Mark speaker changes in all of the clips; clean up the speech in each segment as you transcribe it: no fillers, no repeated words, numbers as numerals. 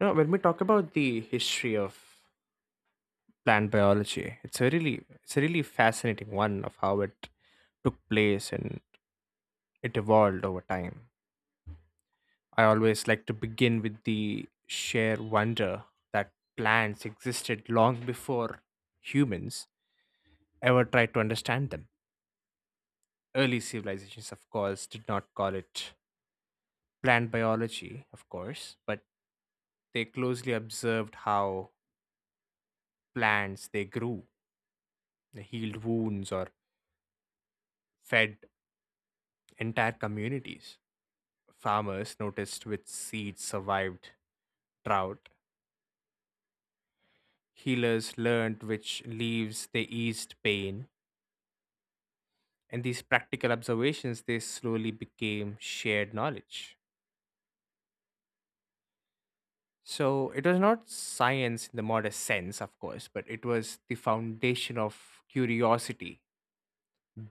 Speaker 1: You know, when we talk about the history of plant biology, it's a really fascinating one of how it took place and it evolved over time. I always like to begin with the sheer wonder that plants existed long before humans ever tried to understand them. Early civilizations, of course, did not call it plant biology, of course, but they closely observed how plants they grew, they healed wounds or fed entire communities. Farmers noticed which seeds survived drought. Healers learned which leaves they eased pain. And these practical observations they slowly became shared knowledge. So it was not science in the modest sense, of course, but it was the foundation of curiosity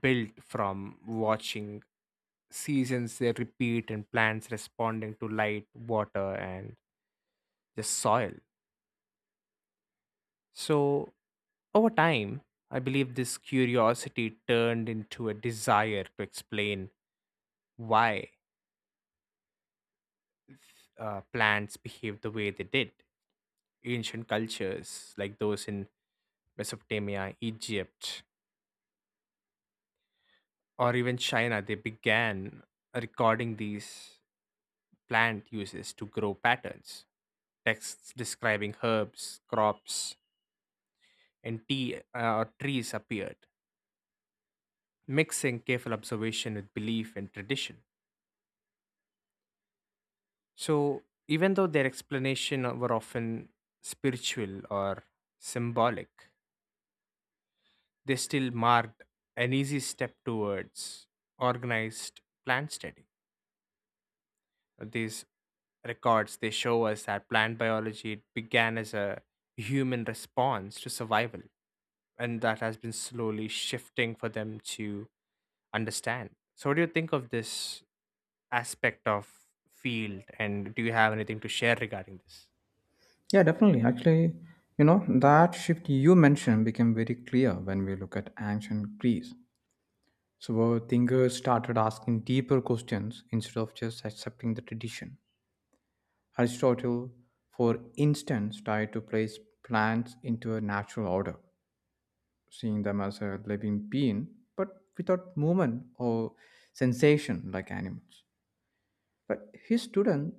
Speaker 1: built from watching seasons they repeat and plants responding to light, water, and the soil. So Over time, I believe this curiosity turned into a desire to explain why plants behave the way they did. Ancient cultures, like those in Mesopotamia, Egypt, or even China, they began recording these plant uses to grow patterns. Texts describing herbs, crops, and tea or trees appeared, mixing careful observation with belief and tradition. So, even though their explanation were often spiritual or symbolic, they still marked an easy step towards organized plant study. These records they show us that plant biology began as a human response to survival, and that has been slowly shifting for them to understand. So, what do you think of this aspect of field, and do you have anything to share regarding this?
Speaker 2: Yeah, definitely. Actually, you know, that shift you mentioned became very clear when we look at ancient Greece. So our thinkers started asking deeper questions instead of just accepting the tradition. Aristotle, for instance, tried to place plants into a natural order, seeing them as a living being, but without movement or sensation like animals. But his students.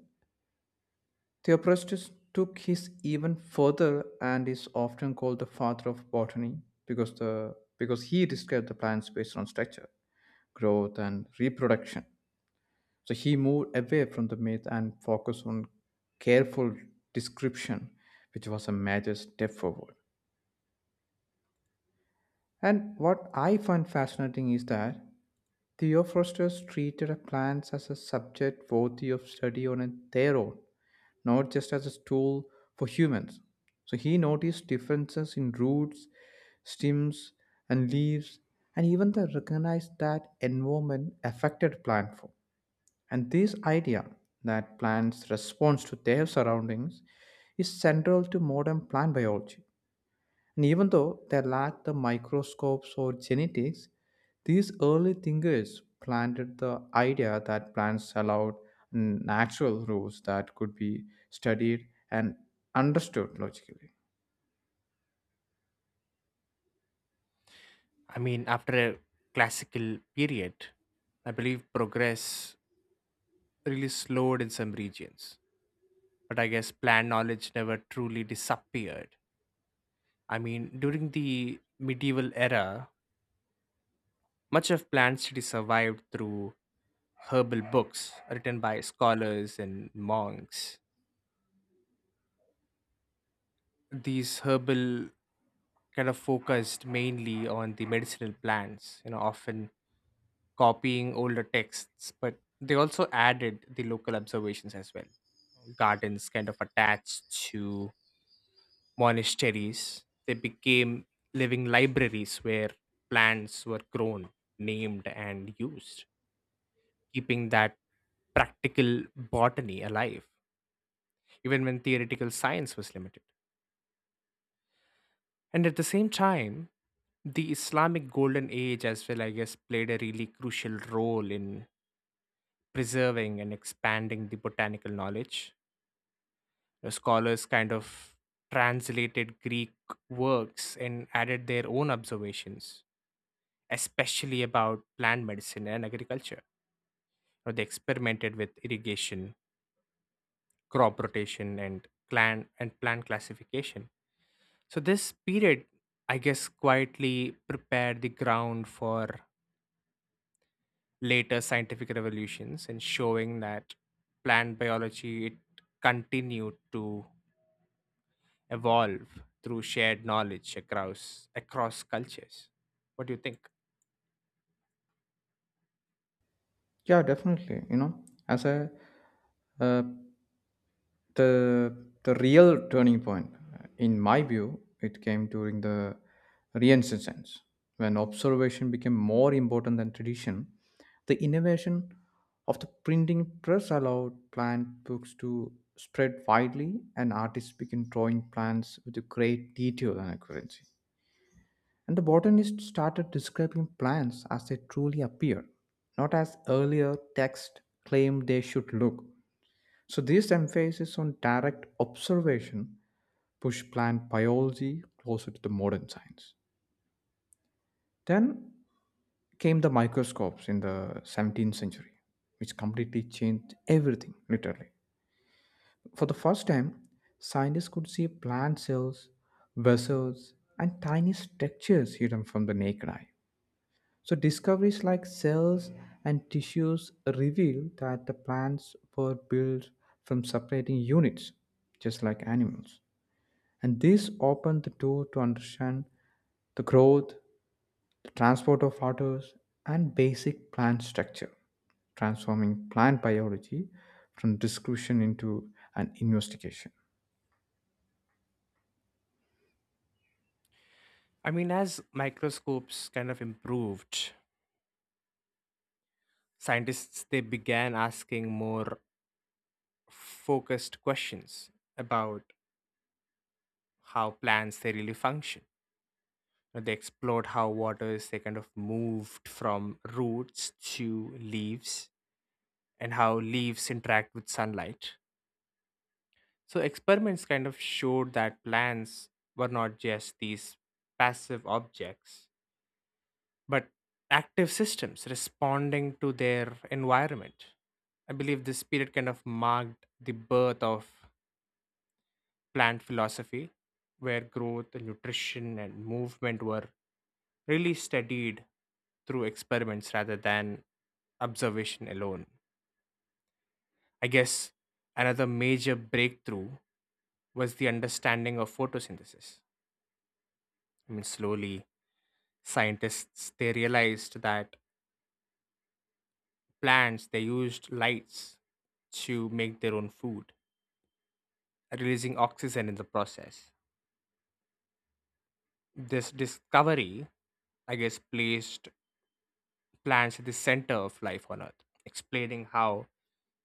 Speaker 2: Theophrastus took his even further and is often called the father of botany because he described the plants based on structure, growth, and reproduction. So he moved away from the myth and focused on careful description, which was a major step forward. And what I find fascinating is that Theophrastus treated plants as a subject worthy of study on their own, not just as a tool for humans. So he noticed differences in roots, stems, and leaves, and even they recognized that environment affected plant form. And this idea that plants respond to their surroundings is central to modern plant biology. And even though they lacked the microscopes or genetics, these early thinkers planted the idea that plants allowed natural rules that could be studied and understood logically.
Speaker 1: I mean, after a classical period, I believe progress really slowed in some regions. But I guess plant knowledge never truly disappeared. I mean, during the medieval era, much of plant study survived through herbal books written by scholars and monks. These herbal kind of focused mainly on the medicinal plants, you know, often copying older texts, but they also added the local observations as well. Gardens kind of attached to monasteries, they became living libraries where plants were grown, named, and used, keeping that practical botany alive, even when theoretical science was limited. And at the same time, the Islamic Golden Age, as well, I guess, played a really crucial role in preserving and expanding the botanical knowledge. The scholars kind of translated Greek works and added their own observations, especially about plant medicine and agriculture. Now, they experimented with irrigation, crop rotation, and clan and plant classification. So this period, I guess, quietly prepared the ground for later scientific revolutions and showing that plant biology it continued to evolve through shared knowledge across cultures. What do you think?
Speaker 2: Yeah, definitely. You know, as a uh, the real turning point, in my view, it came during the renaissance, when observation became more important than tradition. The innovation of the printing press allowed plant books to spread widely, and artists began drawing plants with a great detail and accuracy, and the botanists started describing plants as they truly appear, not as earlier texts claimed they should look. So this emphasis on direct observation pushed plant biology closer to the modern science. Then came the microscopes in the 17th century, which completely changed everything, literally. For the first time, scientists could see plant cells, vessels, and tiny structures hidden from the naked eye. So discoveries like cells and tissues reveal that the plants were built from separating units, just like animals. And this opened the door to understand the growth, the transport of waters, and basic plant structure, transforming plant biology from discussion into an investigation.
Speaker 1: I mean, as microscopes kind of improved, scientists they began asking more focused questions about how plants they really function. They explored how waters they kind of moved from roots to leaves and how leaves interact with sunlight. So experiments kind of showed that plants were not just these passive objects, but active systems responding to their environment. I believe this period kind of marked the birth of plant philosophy, where growth, nutrition, and movement were really studied through experiments rather than observation alone. I guess another major breakthrough was the understanding of photosynthesis. I mean, slowly, scientists they realized that plants they used lights to make their own food, releasing oxygen in the process. This discovery, I guess, placed plants at the center of life on Earth, explaining how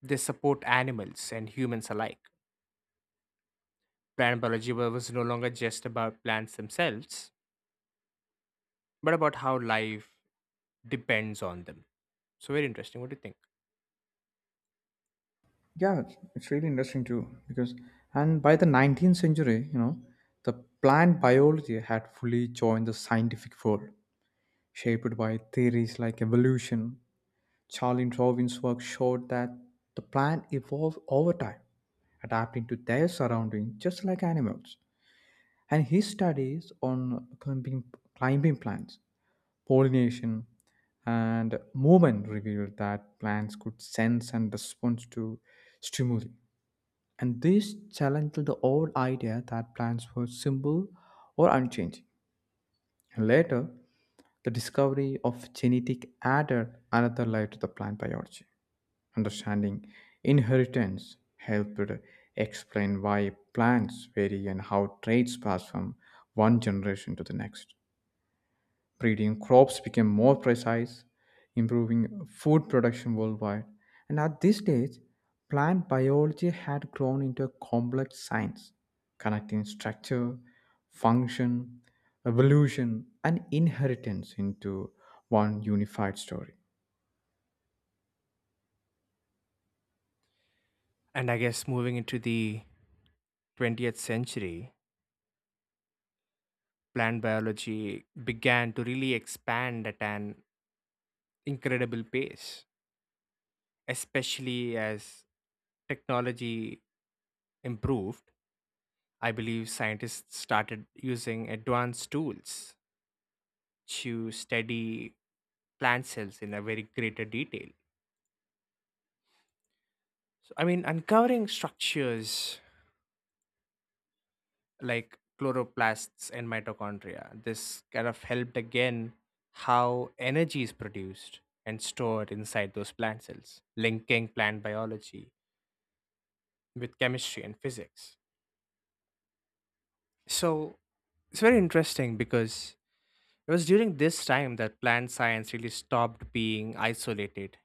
Speaker 1: they support animals and humans alike. Plant biology was no longer just about plants themselves, but about how life depends on them. So, very interesting. What do you think?
Speaker 2: Yeah, it's really interesting too because, and by the 19th century, you know, the plant biology had fully joined the scientific world, shaped by theories like evolution. Charlie Darwin's work showed that the plant evolved over time, adapting to their surroundings just like animals. And his studies on climbing plants, pollination, and movement revealed that plants could sense and respond to stimuli. And this challenged the old idea that plants were simple or unchanging. And later, the discovery of genetic added another layer to the plant biology. Understanding inheritance helped explain why plants vary and how traits pass from one generation to the next. Breeding crops became more precise, improving food production worldwide. And at this stage, plant biology had grown into a complex science, connecting structure, function, evolution, and inheritance into one unified story.
Speaker 1: And I guess moving into the 20th century, plant biology began to really expand at an incredible pace, especially as technology improved. I believe scientists started using advanced tools to study plant cells in a very greater detail. So, I mean, uncovering structures like chloroplasts and mitochondria. This kind of helped again how energy is produced and stored inside those plant cells, linking plant biology with chemistry and physics. So it's very interesting because it was during this time that plant science really stopped being isolated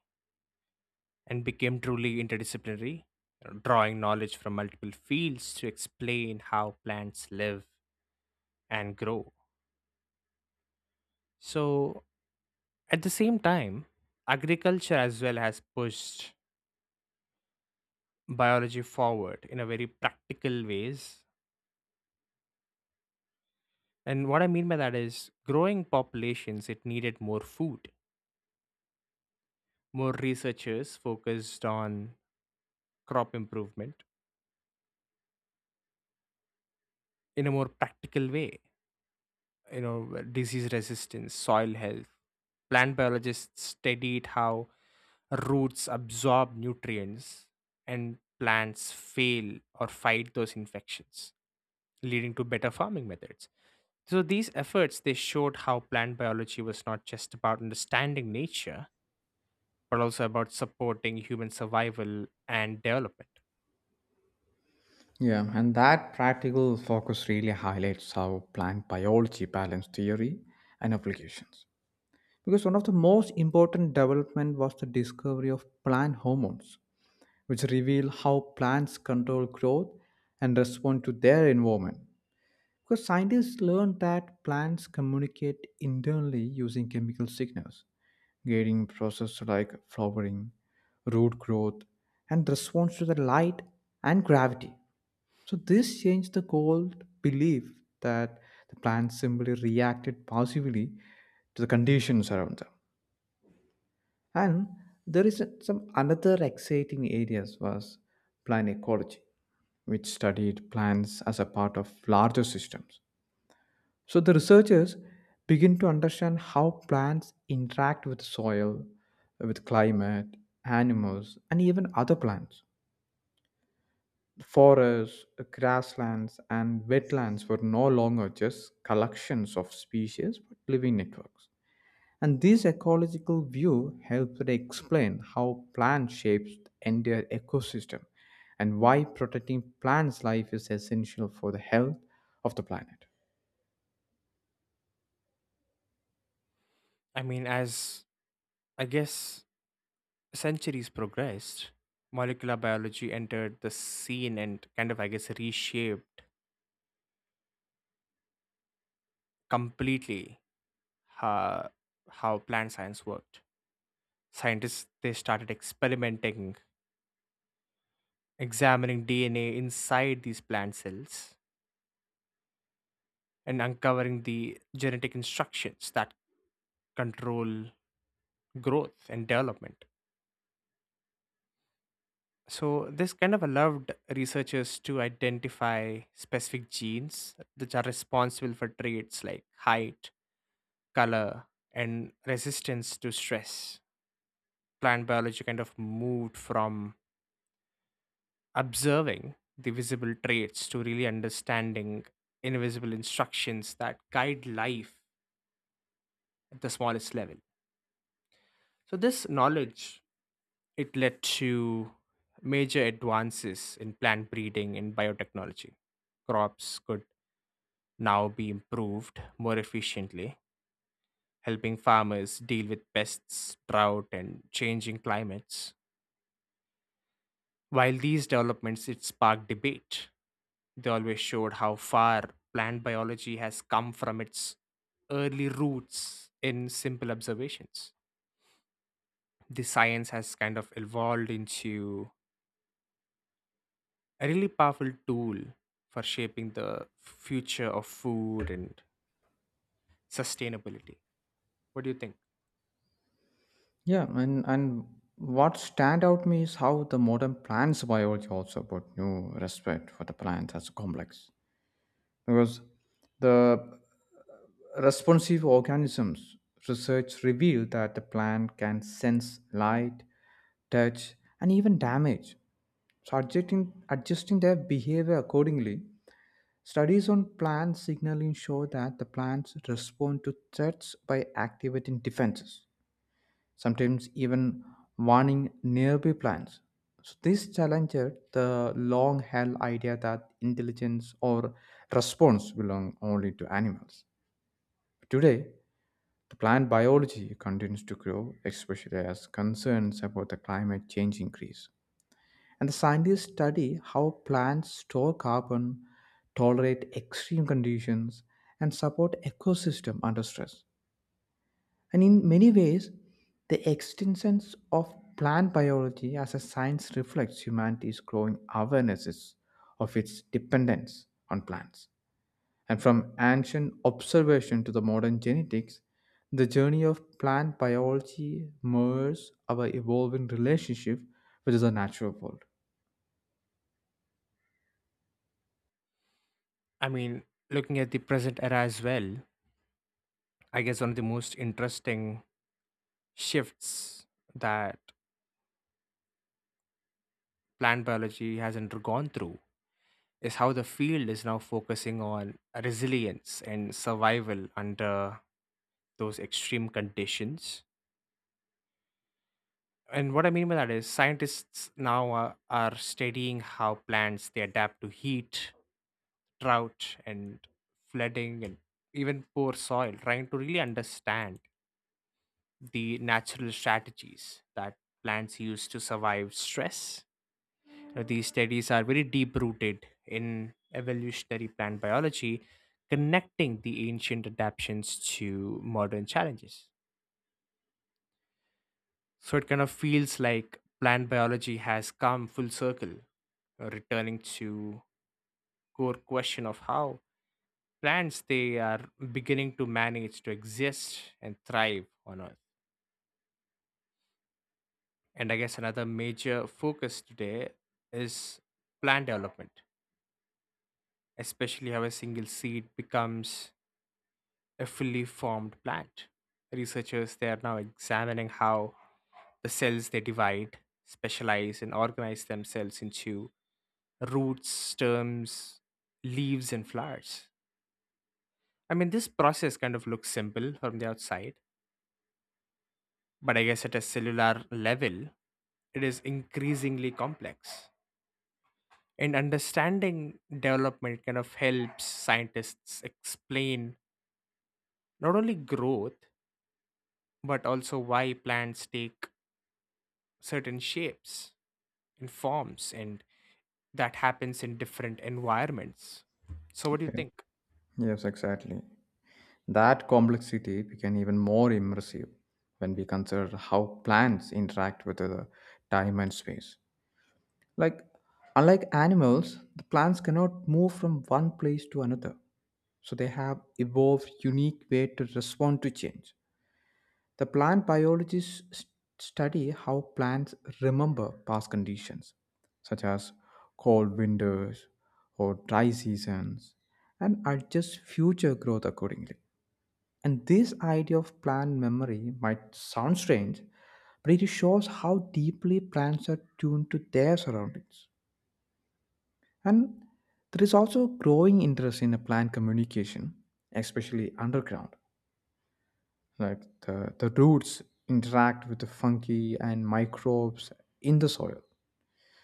Speaker 1: and became truly interdisciplinary, you know, drawing knowledge from multiple fields to explain how plants live and grow. So at the same time, agriculture as well has pushed biology forward in a very practical ways. And what I mean by that is growing populations, it needed more food. More researchers focused on crop improvement in a more practical way, you know, disease resistance, soil health. Plant biologists studied how roots absorb nutrients and plants fail or fight those infections, leading to better farming methods. So these efforts they showed how plant biology was not just about understanding nature, but also about supporting human survival and development.
Speaker 2: Yeah, and that practical focus really highlights how plant biology balanced theory and applications. Because one of the most important development was the discovery of plant hormones, which reveal how plants control growth and respond to their environment. Because scientists learned that plants communicate internally using chemical signals getting processes like flowering, root growth, and response to the light and gravity. So this changed the old belief that the plants simply reacted passively to the conditions around them. And there is some another exciting areas was plant ecology, which studied plants as a part of larger systems, so the researchers begin to understand how plants interact with soil, with climate, animals, and even other plants. Forests, grasslands, and wetlands were no longer just collections of species but living networks. And this ecological view helps to explain how plant shapes the entire ecosystem and why protecting plants' life is essential for the health of the planet.
Speaker 1: I mean, as I guess centuries progressed, molecular biology entered the scene and kind of I guess reshaped completely how, how plant science worked. Scientists they started experimenting, examining DNA inside these plant cells and uncovering the genetic instructions that control growth and development. So, this kind of allowed researchers to identify specific genes which are responsible for traits like height, color, and resistance to stress. Plant biology kind of moved from observing the visible traits to really understanding invisible instructions that guide life at the smallest level. So, this knowledge it led to major advances in plant breeding and biotechnology. Crops could now be improved more efficiently, helping farmers deal with pests, drought, and changing climates. While these developments it sparked debate, they always showed how far plant biology has come from its early roots in simple observations. The science has kind of evolved into a really powerful tool for shaping the future of food and sustainability. What do you think?
Speaker 2: Yeah, and what stand out me is how the modern plants biology also brought new respect for the plants as a complex. Because the responsive organisms research revealed that the plant can sense light, touch, and even damage. So adjusting their behavior accordingly. Studies on plant signaling show that the plants respond to threats by activating defenses, sometimes even warning nearby plants. So this challenges the long held idea that intelligence or response belong only to animals. Today, the plant biology continues to grow, especially as concerns about the climate change increase. And the scientists study how plants store carbon, tolerate extreme conditions, and support ecosystem under stress. And in many ways, the extinction of plant biology as a science reflects humanity's growing awarenesses of its dependence on plants. And from ancient observation to the modern genetics, the journey of plant biology mirrors our evolving relationship with the natural world.
Speaker 1: I mean, looking at the present era as well, I guess one of the most interesting shifts that plant biology has undergone through is how the field is now focusing on resilience and survival under those extreme conditions. And what I mean by that is scientists now are studying how plants they adapt to heat, drought and flooding and even poor soil, trying to really understand the natural strategies that plants use to survive stress. Now, these studies are very deep rooted in evolutionary plant biology, connecting the ancient adaptations to modern challenges. So it kind of feels like plant biology has come full circle, returning to core question of how plants they are beginning to manage to exist and thrive on earth. And I guess another major focus today is plant development, especially how a single seed becomes a fully formed plant. Researchers they are now examining how the cells they divide, specialize and organize themselves into roots, stems, leaves and flowers. I mean this process kind of looks simple from the outside. But I guess at a cellular level, it is increasingly complex. And understanding development kind of helps scientists explain not only growth, but also why plants take certain shapes and forms, and that happens in different environments. So, what do you
Speaker 2: Yeah.
Speaker 1: think?
Speaker 2: Yes, exactly. That complexity became even more immersive when we consider how plants interact with the time and space. Like, unlike animals, the plants cannot move from one place to another. So they have evolved unique way to respond to change. The plant biologists study how plants remember past conditions, such as cold winters or dry seasons, and adjust future growth accordingly. And this idea of plant memory might sound strange, but it shows how deeply plants are tuned to their surroundings. And there is also growing interest in a plant communication, especially underground. Like the roots interact with the fungi and microbes in the soil.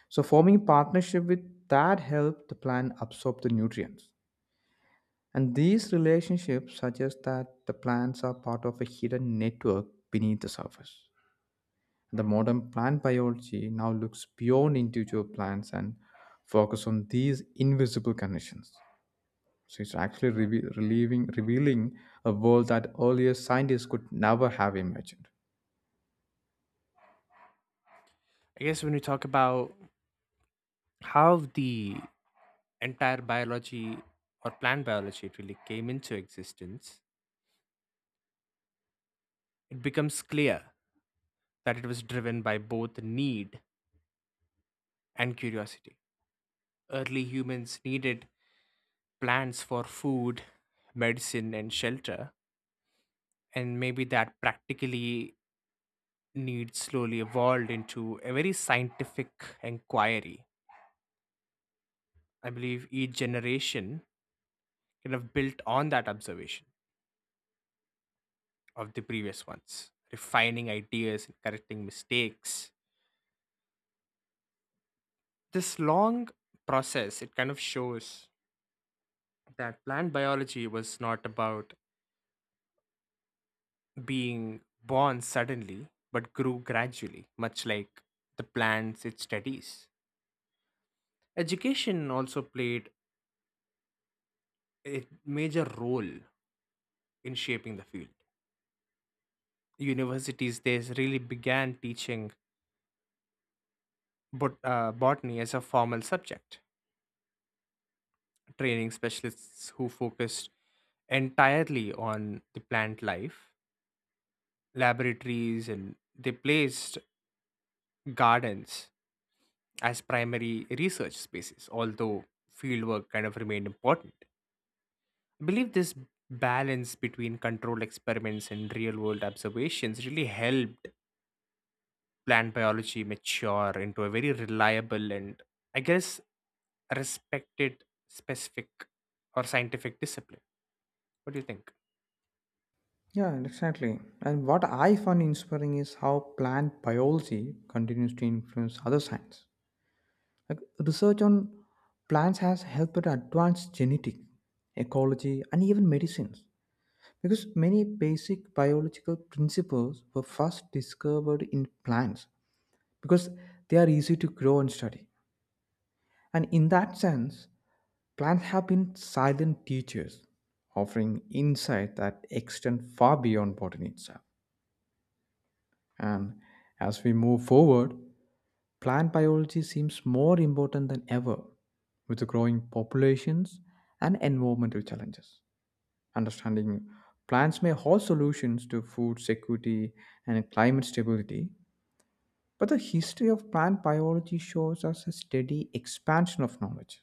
Speaker 2: So forming partnership with that help the plant absorb the nutrients. And these relationships suggest that the plants are part of a hidden network beneath the surface. The modern plant biology now looks beyond individual plants and focus on these invisible connections. So it's actually revealing a world that earlier scientists could never have imagined.
Speaker 1: I guess when we talk about how the entire biology or plant biology it really came into existence, it becomes clear that it was driven by both need and curiosity. Early humans needed plants for food, medicine, and shelter, and maybe that practically need slowly evolved into a very scientific inquiry. I believe each generation kind of built on that observation of the previous ones, refining ideas and correcting mistakes. This long process, it kind of shows that plant biology was not about being born suddenly but grew gradually, much like the plants it studies. Education also played a major role in shaping the field. Universities they really began teaching botany as a formal subject, training specialists who focused entirely on the plant life, laboratories, and they placed gardens as primary research spaces, although fieldwork kind of remained important. I believe this balance between controlled experiments and real world observations really helped plant biology mature into a very reliable and, I guess, respected specific or scientific discipline. What do you think?
Speaker 2: Yeah, exactly. And what I find inspiring is how plant biology continues to influence other science. Like research on plants has helped advance genetics, ecology, and even medicines. Because many basic biological principles were first discovered in plants because they are easy to grow and study. And in that sense, plants have been silent teachers, offering insight that extend far beyond botany itself. And as we move forward, plant biology seems more important than ever with the growing populations and environmental challenges. Understanding plants may hold solutions to food security and climate stability, but the history of plant biology shows us a steady expansion of knowledge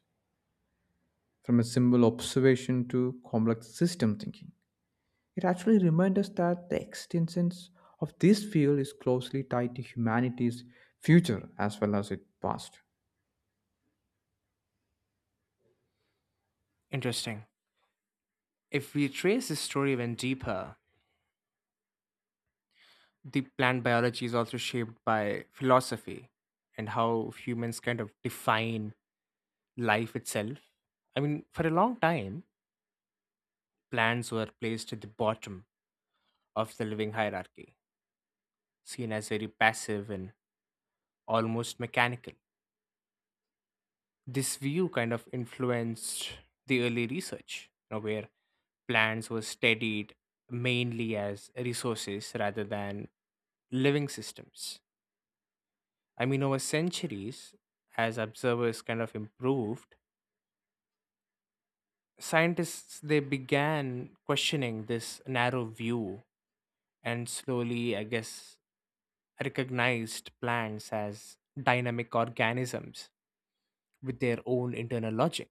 Speaker 2: from a simple observation to complex system thinking. It actually reminds us that the existence of this field is closely tied to humanity's future as well as its past.
Speaker 1: Interesting. If we trace this story even deeper, the plant biology is also shaped by philosophy and how humans kind of define life itself. I mean, for a long time, plants were placed at the bottom of the living hierarchy, seen as very passive and almost mechanical. This view kind of influenced the early research, you know, where plants were studied mainly as resources rather than living systems. I mean, over centuries, as observers kind of improved, scientists they began questioning this narrow view and slowly, I guess, recognized plants as dynamic organisms with their own internal logic.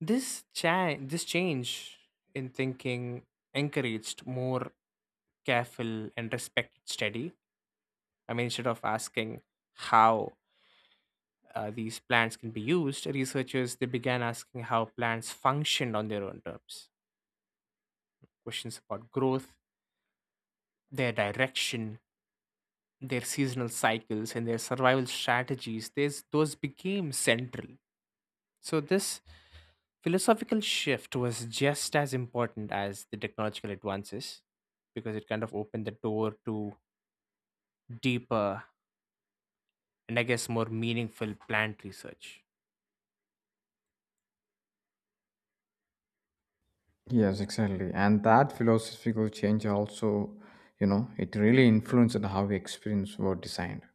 Speaker 1: This change in thinking encouraged more careful and respected study. I mean, instead of asking how these plants can be used, researchers they began asking how plants functioned on their own terms. Questions about growth, their direction, their seasonal cycles, and their survival strategies. These those became central. So this philosophical shift was just as important as the technological advances because it kind of opened the door to deeper and I guess more meaningful plant research.
Speaker 2: Yes, exactly. And that philosophical change also, you know, it really influenced how we experience were designed.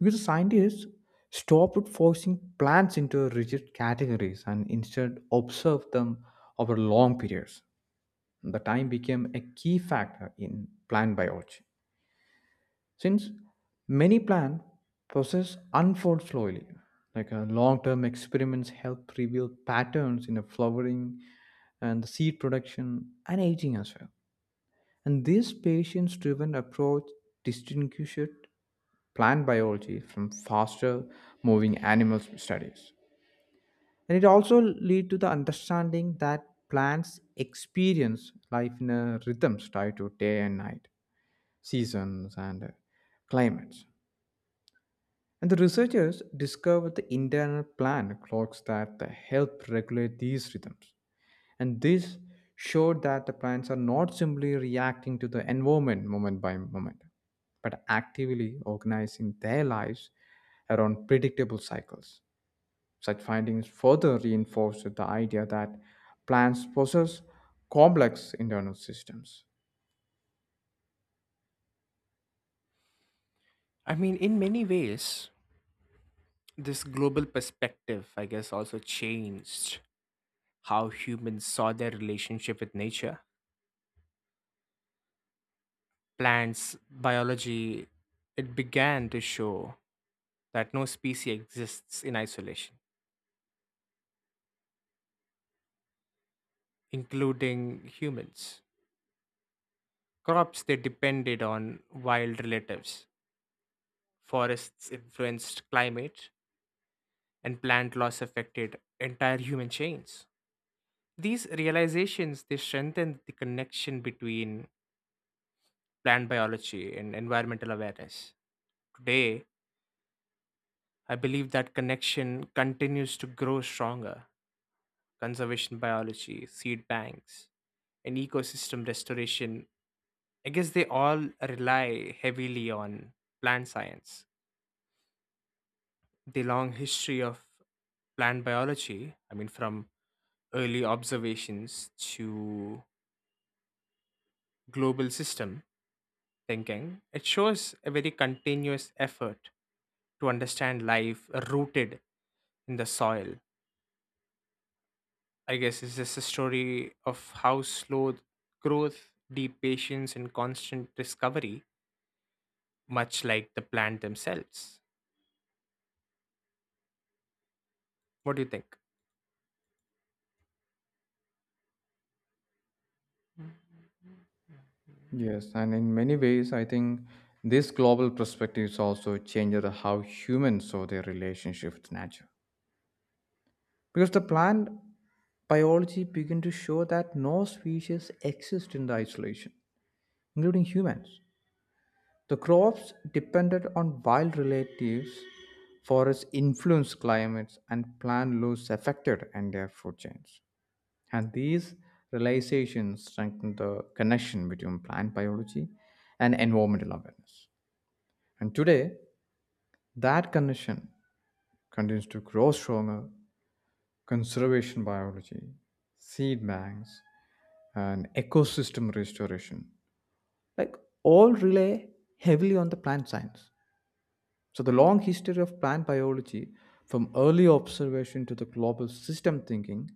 Speaker 2: Because the scientists stopped forcing plants into rigid categories and instead observed them over long periods. The time became a key factor in plant biology, since many plan process unfold slowly. Like long-term experiments help reveal patterns in the flowering and the seed production and aging as well. And this patience-driven approach distinguishes plant biology from faster moving animal studies, and it also lead to the understanding that plants experience life in a rhythms tied to day and night, seasons, and climates. And the researchers discovered the internal plant clocks that help regulate these rhythms. And this showed that the plants are not simply reacting to the environment moment by moment, but actively organizing their lives around predictable cycles. Such findings further reinforced the idea that plants possess complex internal systems.
Speaker 1: I mean, in many ways, this global perspective, I guess, also changed how humans saw their relationship with nature. Plants, biology, it began to show that no species exists in isolation, including humans. Crops they depended on wild relatives. Forests influenced climate, and plant loss affected entire human chains. These realizations they strengthened the connection between plant biology and environmental awareness. Today, I believe that connection continues to grow stronger. Conservation biology, seed banks, and ecosystem restoration, I guess they all rely heavily on plant science. The long history of plant biology, I mean from early observations to global system thinking, it shows a very continuous effort to understand life rooted in the soil. I guess it's just a story of how slow growth, deep patience and constant discovery, much like the plant themselves. What do you think?
Speaker 2: Yes, and in many ways, I think this global perspective is also changed how humans saw their relationship with nature. Because the plant biology began to show that no species exist in the isolation, including humans. The crops depended on wild relatives, forests influenced climates, and plant loss affected and their food chains. And these realizations strengthened the connection between plant biology and environmental awareness. And today, that condition continues to grow stronger. Conservation biology, seed banks, and ecosystem restoration, like all rely heavily on the plant science. So, the long history of plant biology, from early observation to the global system thinking,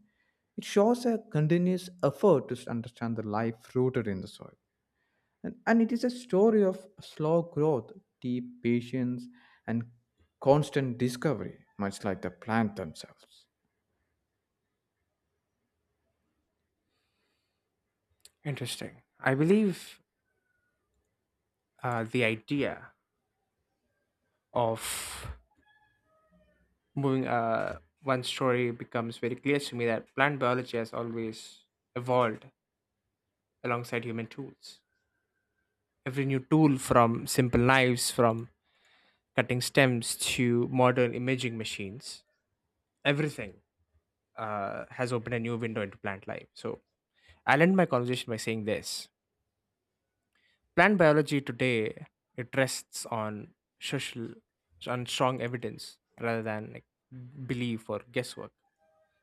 Speaker 2: it shows a continuous effort to understand the life rooted in the soil. And it is a story of slow growth, deep patience, and constant discovery, much like the plant themselves.
Speaker 1: Interesting. I believe the idea of moving one story becomes very clear to me that plant biology has always evolved alongside human tools. Every new tool, from simple knives, from cutting stems to modern imaging machines, everything has opened a new window into plant life. So I'll end my conversation by saying this: plant biology today it rests on social, on strong evidence rather than like, belief or guesswork.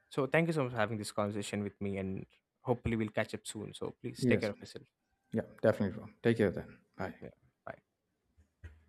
Speaker 1: So thank you so much for having this conversation with me and hopefully we'll catch up soon. So please take
Speaker 2: Yes.
Speaker 1: care of yourself.
Speaker 2: Yeah, definitely wrong. Take care then. Bye.
Speaker 1: Yeah. Bye.